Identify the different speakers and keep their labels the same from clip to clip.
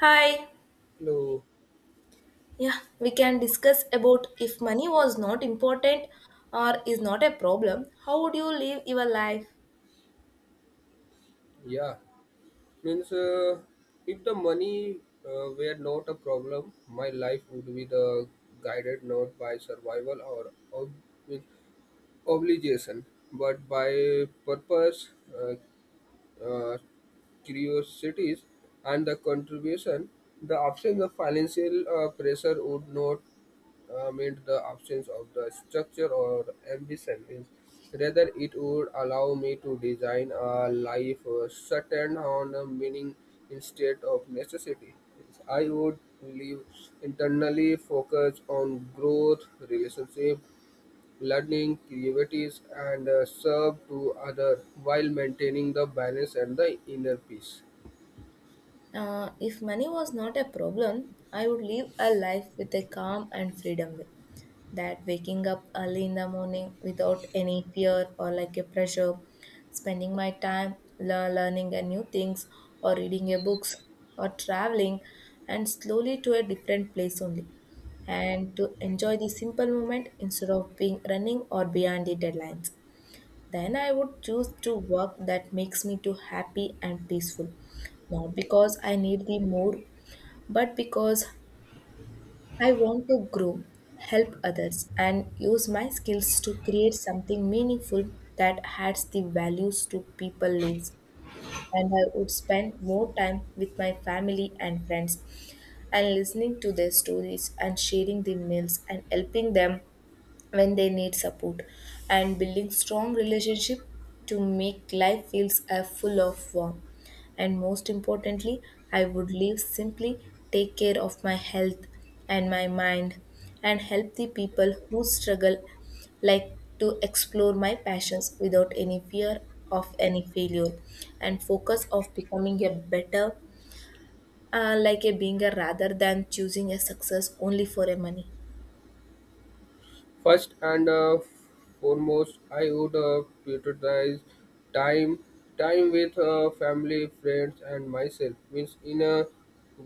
Speaker 1: Hi.
Speaker 2: Hello.
Speaker 1: Yeah, we can discuss about if money was not important or is not a problem, how would you live your life?
Speaker 2: Yeah. Means If the money were not a problem, my life would be the guided not by survival or ob- with obligation, but by purpose. Uh, uh, Curiosities and the contribution, the absence of financial pressure would not mean the absence of the structure or ambition. Means Rather, it would allow me to design a life certain on a meaning instead of necessity. Means I would live internally focused on growth, relationship, learning, creativity, and serve to other while maintaining the balance and the inner peace.
Speaker 1: If money was not a problem, I would live a life with a calm and freedom way. That waking up early in the morning without any fear or like a pressure, spending my time learning a new things or reading a books or traveling and slowly to a different place only and to enjoy the simple moment instead of being running or behind the deadlines, then I would choose to work that makes me too happy and peaceful. Not because I need the more, but because I want to grow, help others, and use my skills to create something meaningful that adds the values to people lives. And I would spend more time with my family and friends and listening to their stories and sharing the meals and helping them when they need support and building strong relationship to make life feels full of warmth, and most importantly I would live simply, take care of my health and my mind and help the people who struggle, like to explore my passions without any fear of any failure, and focus of becoming a better, like a being a, rather than choosing a success only for a money.
Speaker 2: First and foremost, I would prioritize time, time with family, friends, and myself. Means In a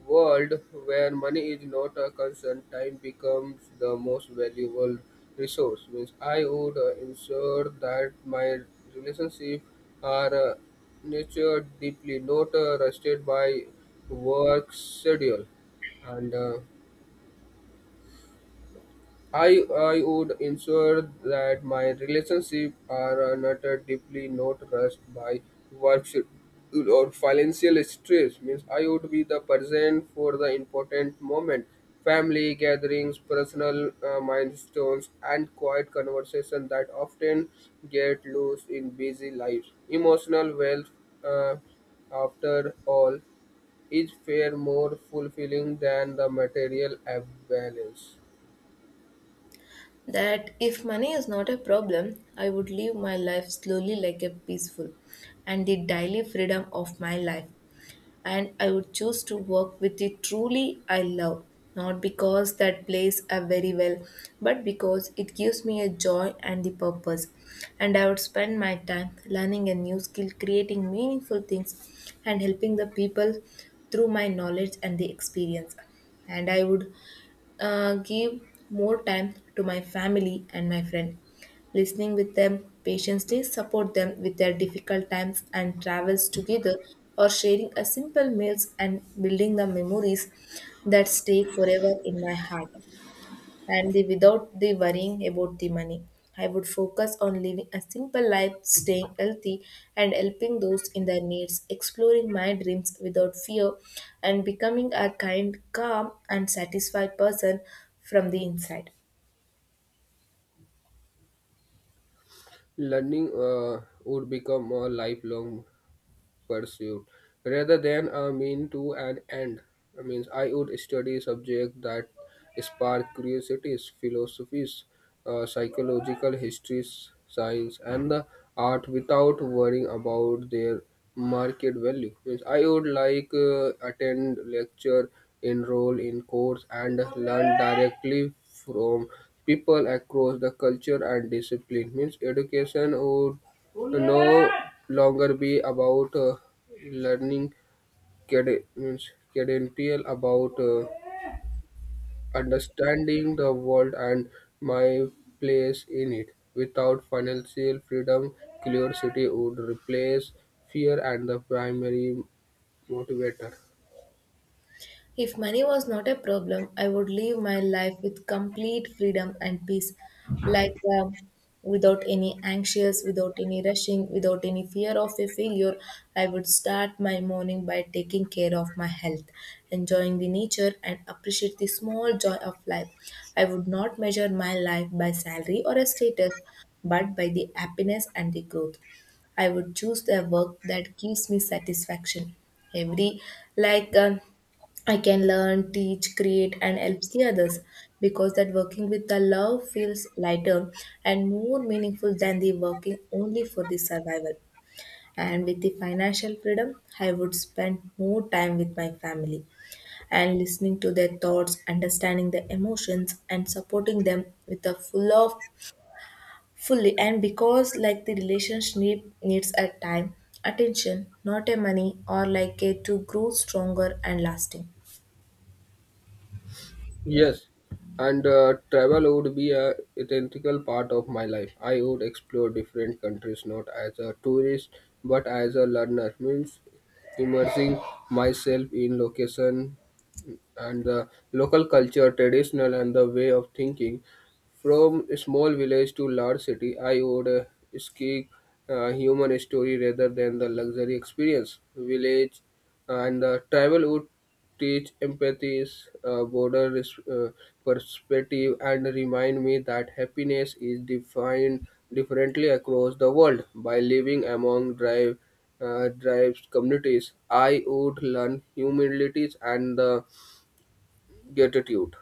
Speaker 2: world where money is not a concern, time becomes the most valuable resource. Means I would ensure that my relationship are nurtured deeply, not rusted by work schedule and I would ensure that my relationship are not deeply not rushed by work schedule or financial stress. Means I would be the person for the important moment, family gatherings, personal milestones, and quiet conversation that often get lost in busy lives. Emotional wealth, uh, after all, is far more fulfilling than the material balance.
Speaker 1: That if money is not a problem, I would live my life slowly like a peaceful and the daily freedom of my life. And I would choose to work with it truly I love, not because that plays a very well, but because it gives me a joy and the purpose. And I would spend my time learning a new skill, creating meaningful things, and helping the people through my knowledge and the experience. And I would gave more time to my family and my friend. Listening with them patiently, support them with their difficult times and travels together, or sharing a simple meals and building the memories that stay forever in my heart and the without the worrying about the money. I would focus on living a simple life, staying healthy, and helping those in their needs, exploring my dreams without fear, and becoming a kind, calm, and satisfied person from the inside.
Speaker 2: Learning would become a lifelong pursuit rather than a mean to an end. I mean, I would study subjects that spark curiosities, philosophies, psychological histories, science, and the art without worrying about their market value. Means I would like attend lecture, enroll in course, and learn directly from people across the culture and discipline. Means Education would to no longer be about learning cad- means cadential about understanding the world and my place in it. Without financial freedom, curiosity would replace fear and the primary motivator.
Speaker 1: If money was not a problem, I would live my life with complete freedom and peace, like, uh, without any anxious, without any rushing, without any fear of a failure. I would start my morning by taking care of my health, enjoying the nature, and appreciate the small joy of life. I would not measure my life by salary or a status, but by the happiness and the growth. I would choose a work that gives me satisfaction. Every like. I can learn, teach, create, and helps the others because that working with the love feels lighter and more meaningful than the working only for the survival. And with the financial freedom, I would spend more time with my family and listening to their thoughts, understanding their emotions, and supporting them with a full of fully. And because like the relationship needs a time, attention, not a money, or like a to grow stronger and lasting.
Speaker 2: Yes, and travel would be a integral part of my life. I would explore different countries not as a tourist but as a learner. Means Immersing myself in location and the local culture, traditional and the way of thinking. From a small village to large city, I would seek human story rather than the luxury experience. Village and travel would teach empathy, uh, border res- uh, perspective, and remind me that happiness is defined differently across the world. By living among drives communities, I would learn humilities and the gratitude.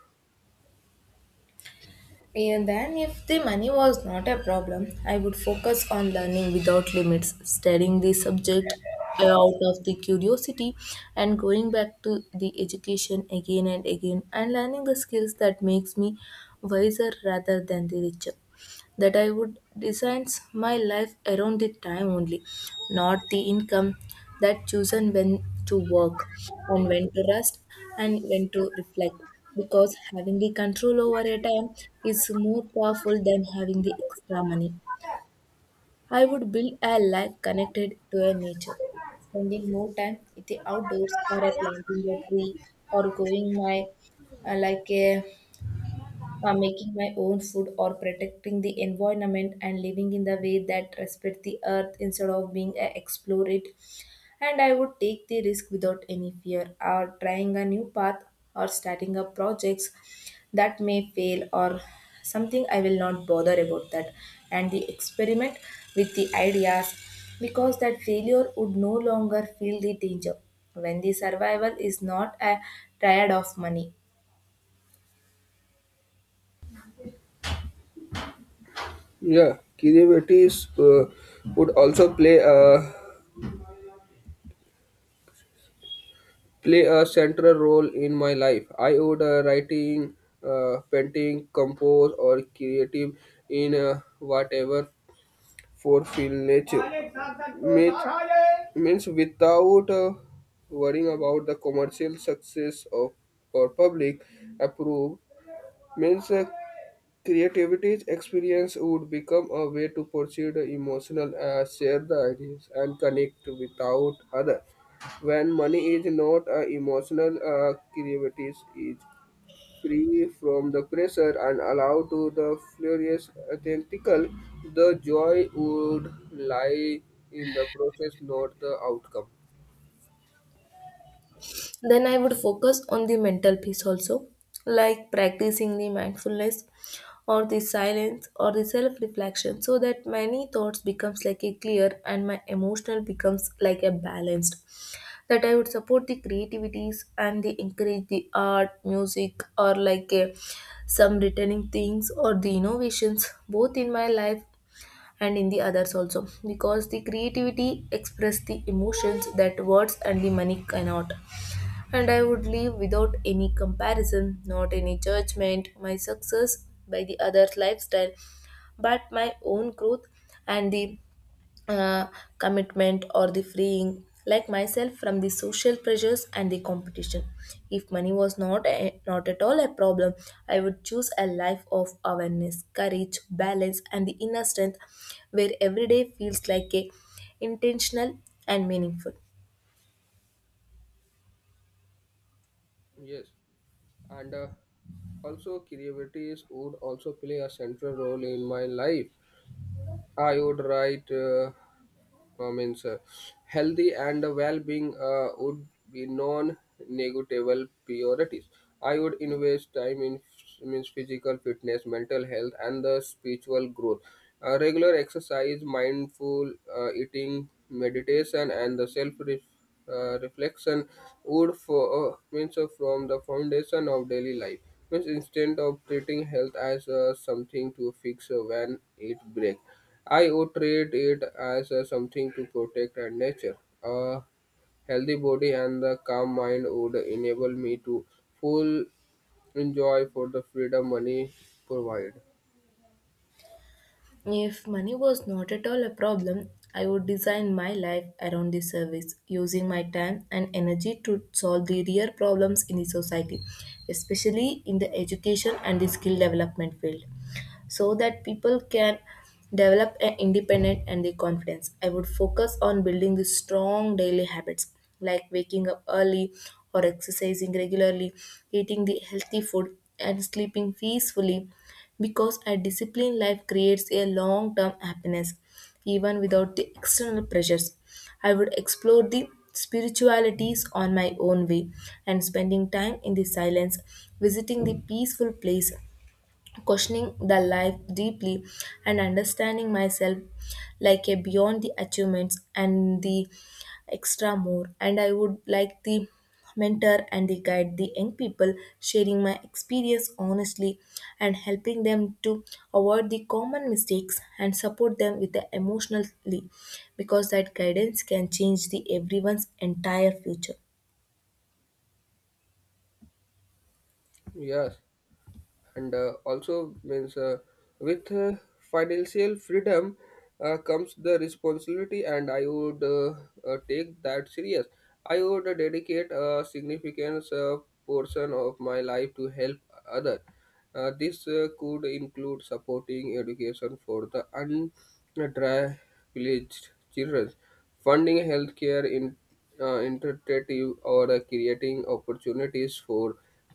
Speaker 1: And then, if the money was not a problem, I would focus on learning without limits, studying the subject out of the curiosity and going back to the education again and again and learning the skills that makes me wiser rather than the richer. That I would design my life around the time only, not the income, that chosen when to work and when to rest and when to reflect. Because having the control over a time is more powerful than having the extra money. I would build a life connected to a nature, spending more time in the outdoors or a planting a tree or going my, like a making my own food or protecting the environment and living in the way that respect the earth instead of being a explore it. And I would take the risk without any fear or trying a new path or starting up projects that may fail, or something I will not bother about that, and the experiment with the ideas, because that failure would no longer feel the danger when the survival is not a triad of money.
Speaker 2: Yeah, creativities would also play a central role in my life. I would writing, painting, compose, or creative in whatever fulfill nature. Means, means Without worrying about the commercial success of or public approve. Means Creativity's experience would become a way to pursue the emotional, share the ideas, and connect without other. When money is not emotional, creativity is free from the pressure and allowed to the furious authentical. The joy would lie in the process, not the outcome.
Speaker 1: Then I would focus on the mental peace also, like practicing the mindfulness or the silence or the self reflection, so that many thoughts becomes like a clear and my emotional becomes like a balanced. That I would support the creativities and the encourage the art music, or some returning things or the innovations both in my life and in the others also, because the creativity express the emotions that words and the money cannot. And I would live without any comparison, not any judgment, my success by the other's lifestyle, but my own growth and the, uh, commitment or the freeing like myself from the social pressures and the competition. If money was not at all a problem, I would choose a life of awareness, courage, balance, and the inner strength, where every day feels like a intentional and meaningful.
Speaker 2: Yes, and also creativity would also play a central role in my life. I would write, I means Healthy and well-being would be non-negotiable priorities. I would invest time in f- means physical fitness, mental health, and the spiritual growth. Regular exercise, mindful eating, meditation, and the self reflection would for means from the foundation of daily life. Means Instead of treating health as something to fix when it breaks, I would treat it as something to protect and nature. A healthy body and the calm mind would enable me to full enjoy for the freedom money provide.
Speaker 1: If money was not at all a problem, I would design my life around this service, using my time and energy to solve the real problems in the society, especially in the education and the skill development field, so that people can develop an independent and the confidence. I would focus on building the strong daily habits, like waking up early or exercising regularly, eating the healthy food and sleeping peacefully, because a disciplined life creates a long-term happiness even without the external pressures. I would explore the spiritualities on my own way and spending time in the silence, visiting the peaceful place, questioning the life deeply and understanding myself, like a beyond the achievements and the extra more. And I would like the mentor and the guide the young people, sharing my experience honestly and helping them to avoid the common mistakes and support them with the emotionally, because that guidance can change the everyone's entire future.
Speaker 2: Yes, and also means with financial freedom comes the responsibility, and I would take that serious. I would dedicate a significant portion of my life to help others. This could include supporting education for the underprivileged children, funding healthcare initiative, or creating opportunities for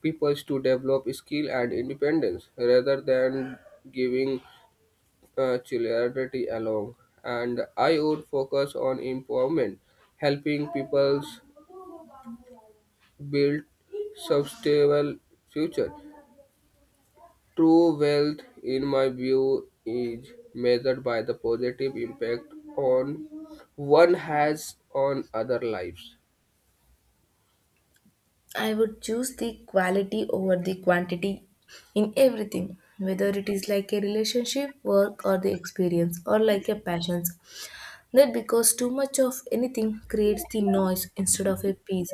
Speaker 2: people to develop skill and independence rather than giving charity alone. And I would focus on empowerment, helping people build sustainable future. True wealth, in my view, is measured by the positive impact on one has on other lives.
Speaker 1: I would choose the quality over the quantity in everything, whether it is like a relationship, work, or the experience, or like a passions. That because too much of anything creates the noise instead of a peace.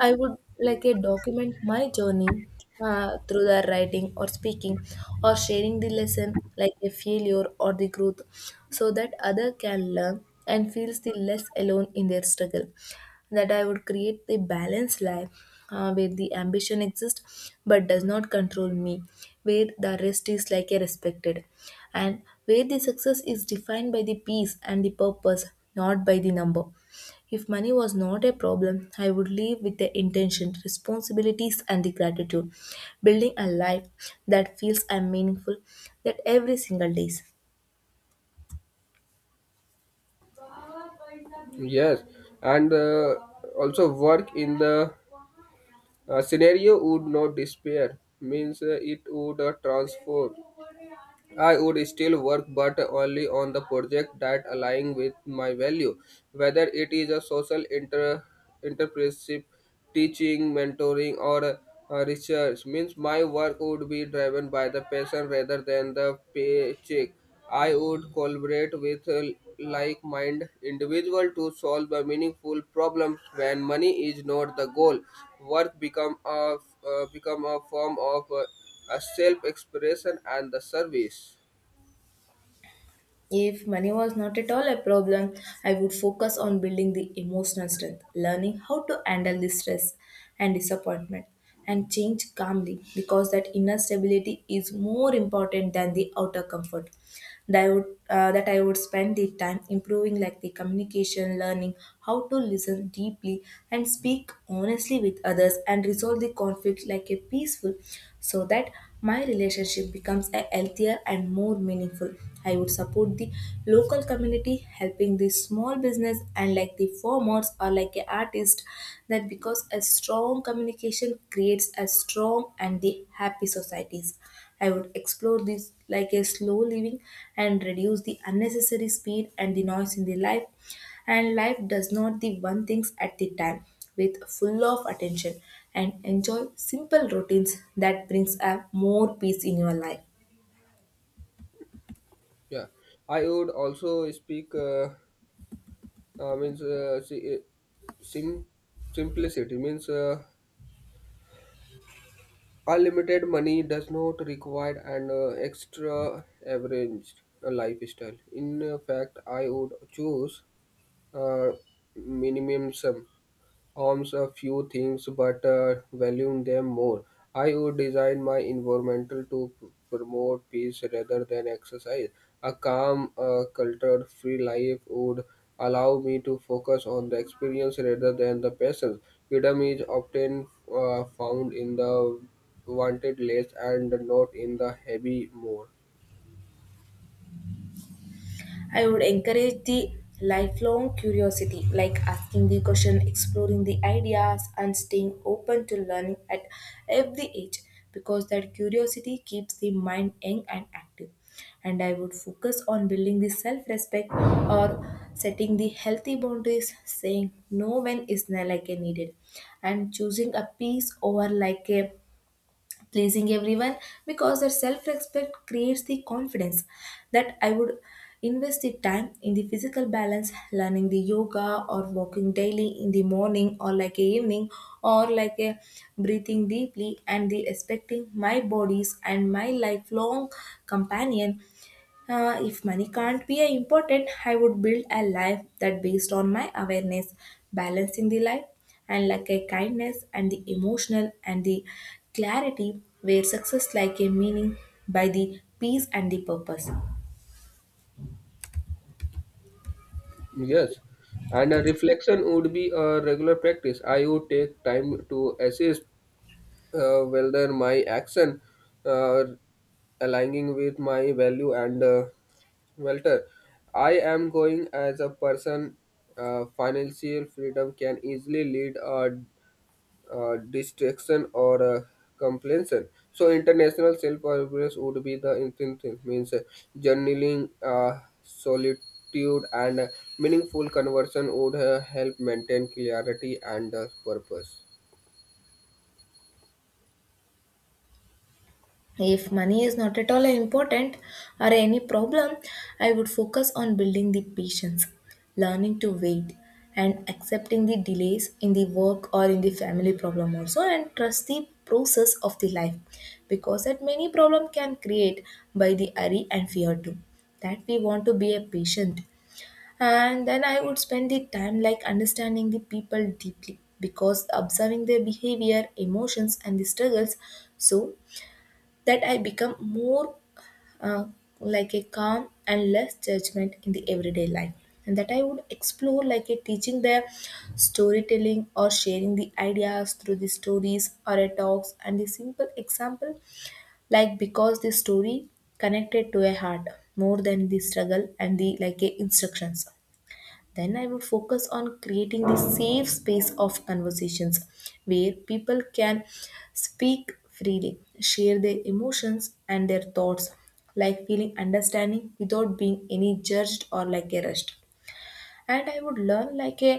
Speaker 1: I would like a document my journey through the writing or speaking or sharing the lesson like a failure or the growth, so that other can learn and feels the less alone in their struggle. That I would create the balanced life, where the ambition exists but does not control me, where the rest is like a respected, and where the success is defined by the peace and the purpose, not by the number. If money was not a problem, I would live with the intention, responsibilities, and the gratitude, building a life that feels and meaningful that every single day.
Speaker 2: Yes, and also work in the scenario would not disappear. Means It would transform. I would still work, but only on the project that align with my value, whether it is a social inter entrepreneurship, teaching, mentoring, or research. Means My work would be driven by the passion rather than the paycheck. I would collaborate with like-minded individual to solve a meaningful problem. When money is not the goal, work become a form of a self expression and the service.
Speaker 1: If money was not at all a problem, I would focus on building the emotional strength, learning how to handle the stress and disappointment, and change calmly, because that inner stability is more important than the outer comfort. That I would spend the time improving, like the communication, learning how to listen deeply and speak honestly with others, and resolve the conflict like a peaceful, so that my relationship becomes a healthier and more meaningful. I would support the local community, helping the small business and like the farmers or like a artist. That because a strong communication creates a strong and the happy societies. I would explore this like a slow living and reduce the unnecessary speed and the noise in the life. And life does not the one things at the time with full of attention and enjoy simple routines that brings a more peace in your life.
Speaker 2: Yeah, I would also speak uh, means uh, si- uh, sim- simplicity. Means Unlimited money does not require an extra average lifestyle. In fact, I would choose uh, minimalism, harms a few things but valuing them more. I would design my environmental to promote peace rather than exercise. A calm, culture free life would allow me to focus on the experience rather than the passions. Freedom is often found in the wanted less and not in the heavy more.
Speaker 1: I would encourage the lifelong curiosity, like asking the question, exploring the ideas, and staying open to learning at every age, because that curiosity keeps the mind young and active. And I would focus on building the self respect or setting the healthy boundaries, saying no when is like a needed, and choosing a peace over like a pleasing everyone, because their self respect creates the confidence. That I would invest the time in the physical balance, learning the yoga or walking daily in the morning or like a evening, or like a breathing deeply and the respecting my bodies and my lifelong companion. If money can't be a important, I would build a life that based on my awareness, balancing the life and like a kindness and the emotional and the clarity, where success like a meaning by the peace and the purpose.
Speaker 2: Yes, and a reflection would be a regular practice. I would take time to assess whether my action uh, aligning with my value and welter. I am going as a person. Financial freedom can easily lead a distraction or completion. So international self-awareness would be the intent thing, means journaling, solitude, and meaningful conversion would help maintain clarity and purpose.
Speaker 1: If money is not at all important or any problem, I would focus on building the patience, learning to wait, and accepting the delays in the work or in the family problem also, and trust the process of the life because that many problem can create by the hurry and fear too. That we want to be a patient, and then I would spend the time like understanding the people deeply because observing their behavior emotions and the struggles so that I become more uh, like a calm and less judgment in the everyday life. And that I would explore like a teaching their storytelling or sharing the ideas through the stories or a talks and the simple example like because the story connected to a heart more than the struggle and the like a instructions. Then I would focus on creating the safe space of conversations where people can speak freely, share their emotions and their thoughts, like feeling understanding without being any judged or like a rushed, and I would learn like a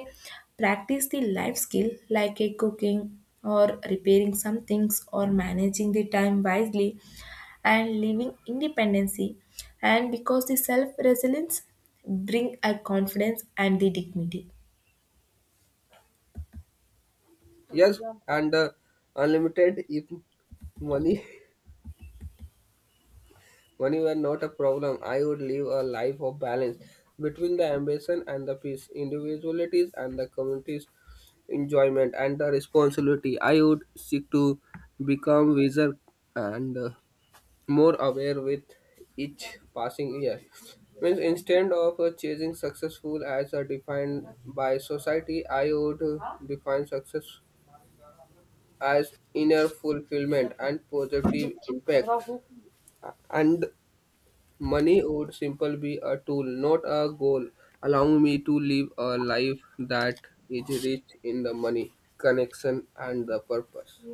Speaker 1: practice the life skill like a cooking or repairing some things or managing the time wisely and living independency, and because the self resilience bring a confidence and the dignity.
Speaker 2: Yes, yeah, and unlimited if money. Money were not a problem. I would live a life of balance between the ambition and the peace, individualities and the communities enjoyment and the responsibility. I would seek to become wiser and more aware with each passing year. Means Instead of chasing successful as defined by society, I would define success as inner fulfillment and positive impact. And money would simply be a tool, not a goal, allowing me to live a life that is rich in the money, connection, and the purpose.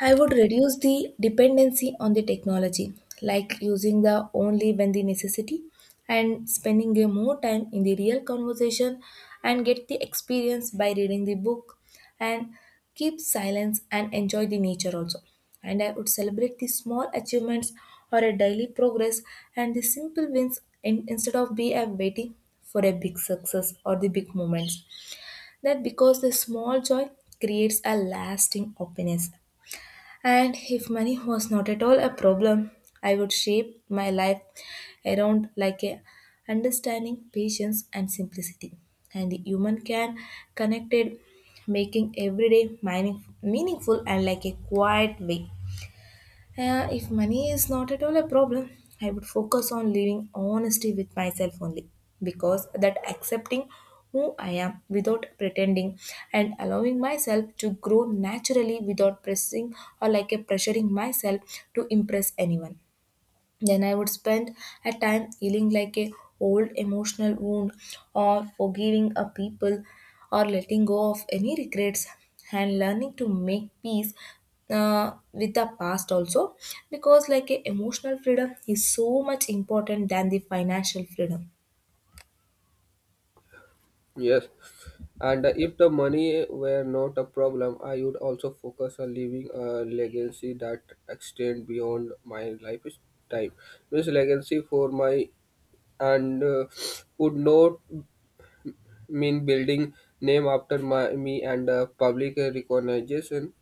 Speaker 1: I would reduce the dependency on the technology, like using the only when the necessity and spending a more time in the real conversation and get the experience by reading the book and keep silence and enjoy the nature also. And I would celebrate the small achievements or a daily progress and the simple wins in, instead of be a waiting for a big success or the big moments. That because the small joy creates a lasting happiness, and if money was not at all a problem, I would shape my life around like a understanding, patience, and simplicity. And the human can connected, making everyday mining, meaningful and like a quiet way. If money is not at all a problem, I would focus on living honesty with myself only because that accepting who I am without pretending and allowing myself to grow naturally without pressing or like a pressuring myself to impress anyone. Then I would spend a time healing like a old emotional wound or forgiving a people or letting go of any regrets and learning to make peace with the past also because like a emotional freedom is so much important than the financial freedom.
Speaker 2: Yes. And if the money were not a problem, I would also focus on leaving a legacy that extend beyond my lifetime. This legacy for my and would not mean building name after me and public recognition,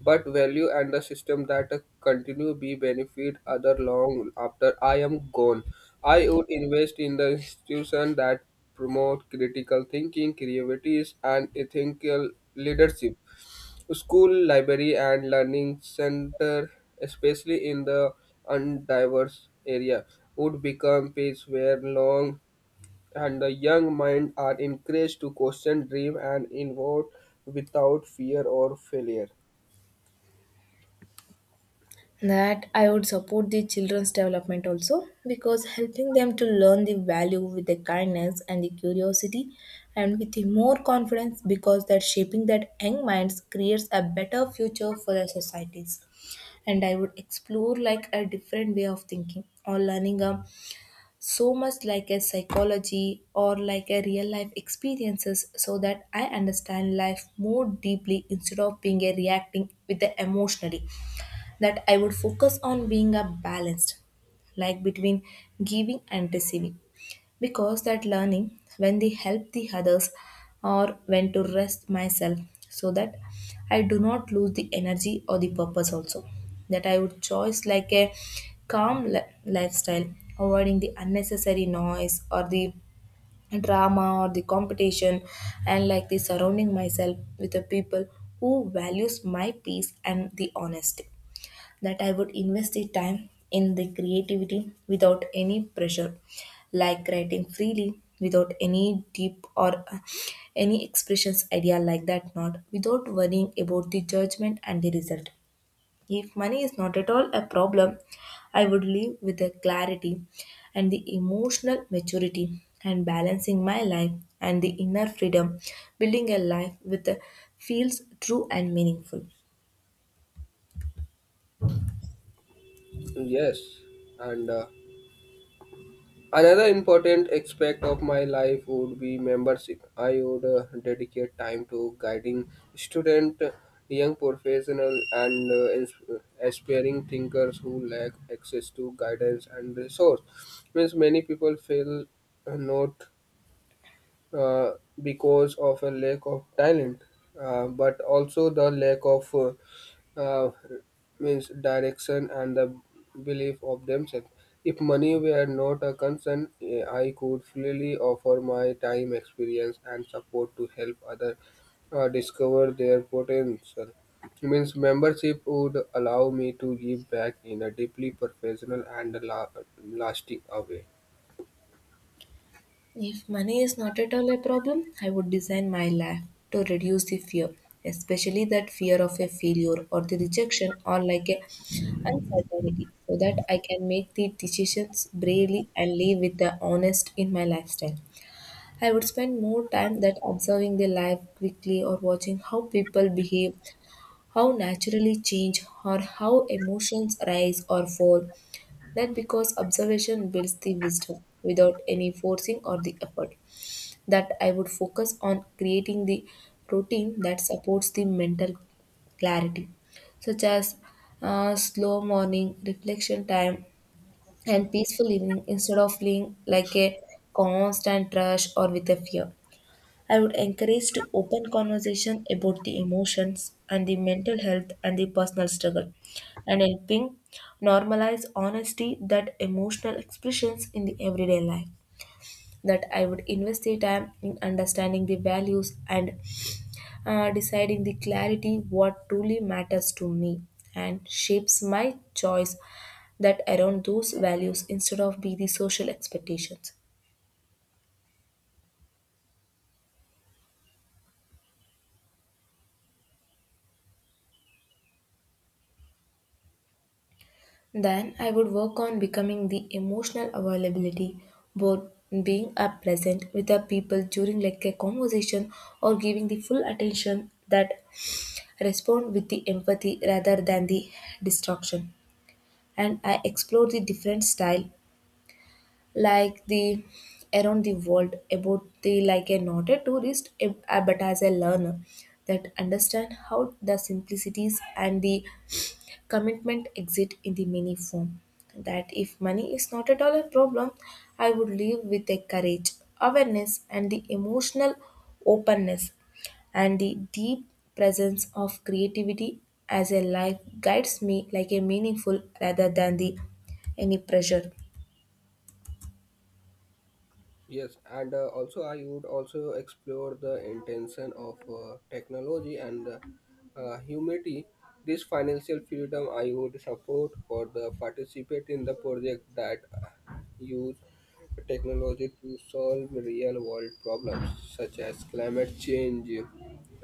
Speaker 2: but value and the system that continue be benefit other long after I am gone. I would invest in the institution that promote critical thinking, creativity, and ethical leadership. School, library, and learning center, especially in the undiverse area, would become place where long and the young mind are encouraged to question, dream, and innovate without fear or failure.
Speaker 1: That I would support the children's development also because helping them to learn the value with the kindness and the curiosity and with the more confidence because that shaping that young minds creates a better future for their societies. And I would explore like a different way of thinking or learning so much like a psychology or like a real life experiences so that I understand life more deeply instead of being a reacting with the emotionally. That I would focus on being a balanced, like between giving and receiving, because that learning when they help the others or when to rest myself so that I do not lose the energy or the purpose also. That I would choose like a calm lifestyle, avoiding the unnecessary noise or the drama or the competition and like the surrounding myself with the people who values my peace and the honesty. That I would invest the time in the creativity without any pressure, like writing freely without any deep or any expressions idea like that not without worrying about the judgment and the result. If money is not at all a problem, I would live with the clarity and the emotional maturity and balancing my life and the inner freedom, building a life with feels true and meaningful.
Speaker 2: Yes, and another important aspect of my life would be membership. I would dedicate time to guiding student, young professional, and aspiring thinkers who lack access to guidance and resource. Means Many people feel not uh, because of a lack of talent, but also the lack of uh, means direction and the belief of themselves. If money were not a concern, eh, I could freely offer my time, experience, and support to help others discover their potential. Means Membership would allow me to give back in a deeply professional and lasting way.
Speaker 1: If money is not at all a problem, I would design my life to reduce the fear, especially that fear of a failure or the rejection or like a uncertainty, so that I can make the decisions bravely and live with the honest in my lifestyle. I would spend more time that observing their life quickly or watching how people behave, how naturally change, or how emotions rise or fall. That because observation builds the wisdom without any forcing or the effort. That I would focus on creating the routine that supports the mental clarity, such as slow morning, reflection time, and peaceful evening instead of feeling like a constant rush or with a fear. I would encourage to open conversation about the emotions and the mental health and the personal struggle, and helping normalize honesty that emotional expressions in the everyday life. That I would invest the time in understanding the values, and deciding the clarity what truly matters to me and shapes my choice that around those values instead of be the social expectations. Then I would work on becoming the emotional availability, both being a present with the people during like a conversation or giving the full attention that respond with the empathy rather than the distraction. And I explore the different style like the around the world about the like a not a tourist but as a learner that understand how the simplicities and the Commitment exit in the many form. That if money is not at all a problem, I would live with a courage, awareness, and the emotional openness and the deep presence of creativity as a life guides me like a meaningful rather than the any pressure.
Speaker 2: Yes, and also I would also explore the intention of technology and humanity. This financial freedom I would support for the participate in the project that use technology to solve real world problems such as climate change,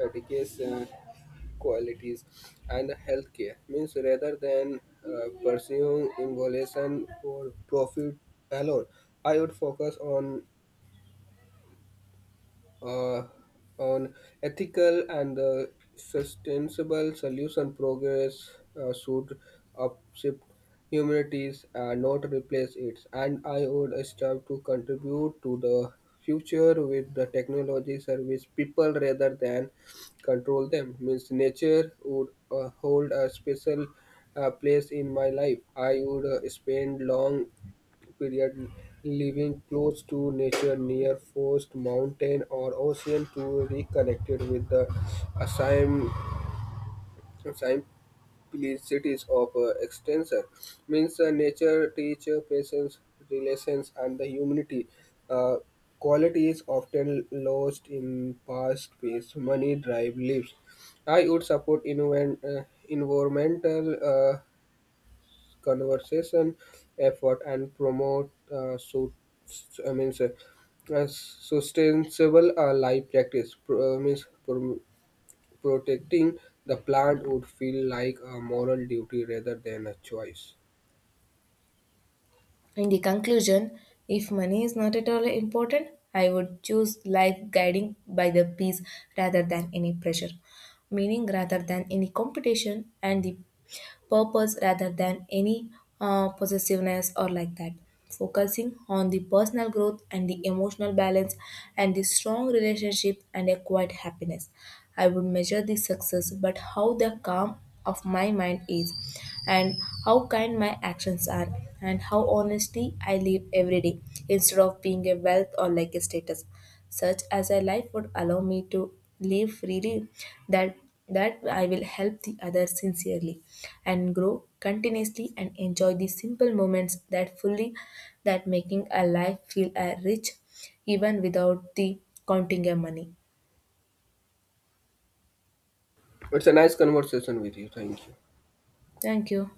Speaker 2: education, qualities and healthcare, means rather than pursuing involution for profit alone, I would focus on uh, on ethical and sustainable solution progress. Should upshift humanities and not replace it. And I would strive to contribute to the future with the technology service people rather than control them. Means Nature would hold a special place in my life. I would spend long period living close to nature near forest, mountain or ocean to reconnect it with the assign- simplicities of extension. Means Nature teacher patience, relations and the humanity uh, quality is often lost in past pace money drive lives. I would support environmental conversation effort and promote a sustainable life practice. Protecting the plant would feel like a moral duty rather than a choice.
Speaker 1: In the conclusion, if money is not at all important, I would choose life guiding by the peace rather than any pressure, meaning rather than any competition, and the purpose rather than any possessiveness or like that. Focusing on the personal growth and the emotional balance and the strong relationship and a quiet happiness. I would measure the success, but how the calm of my mind is, and how kind my actions are, and how honestly I live every day instead of being a wealth or like a status, such as a life would allow me to live freely, that that I will help the others sincerely and grow continuously and enjoy the simple moments that fully, that making a life feel a rich even without the counting a money.
Speaker 2: It's a nice conversation with you. Thank you.
Speaker 1: Thank you.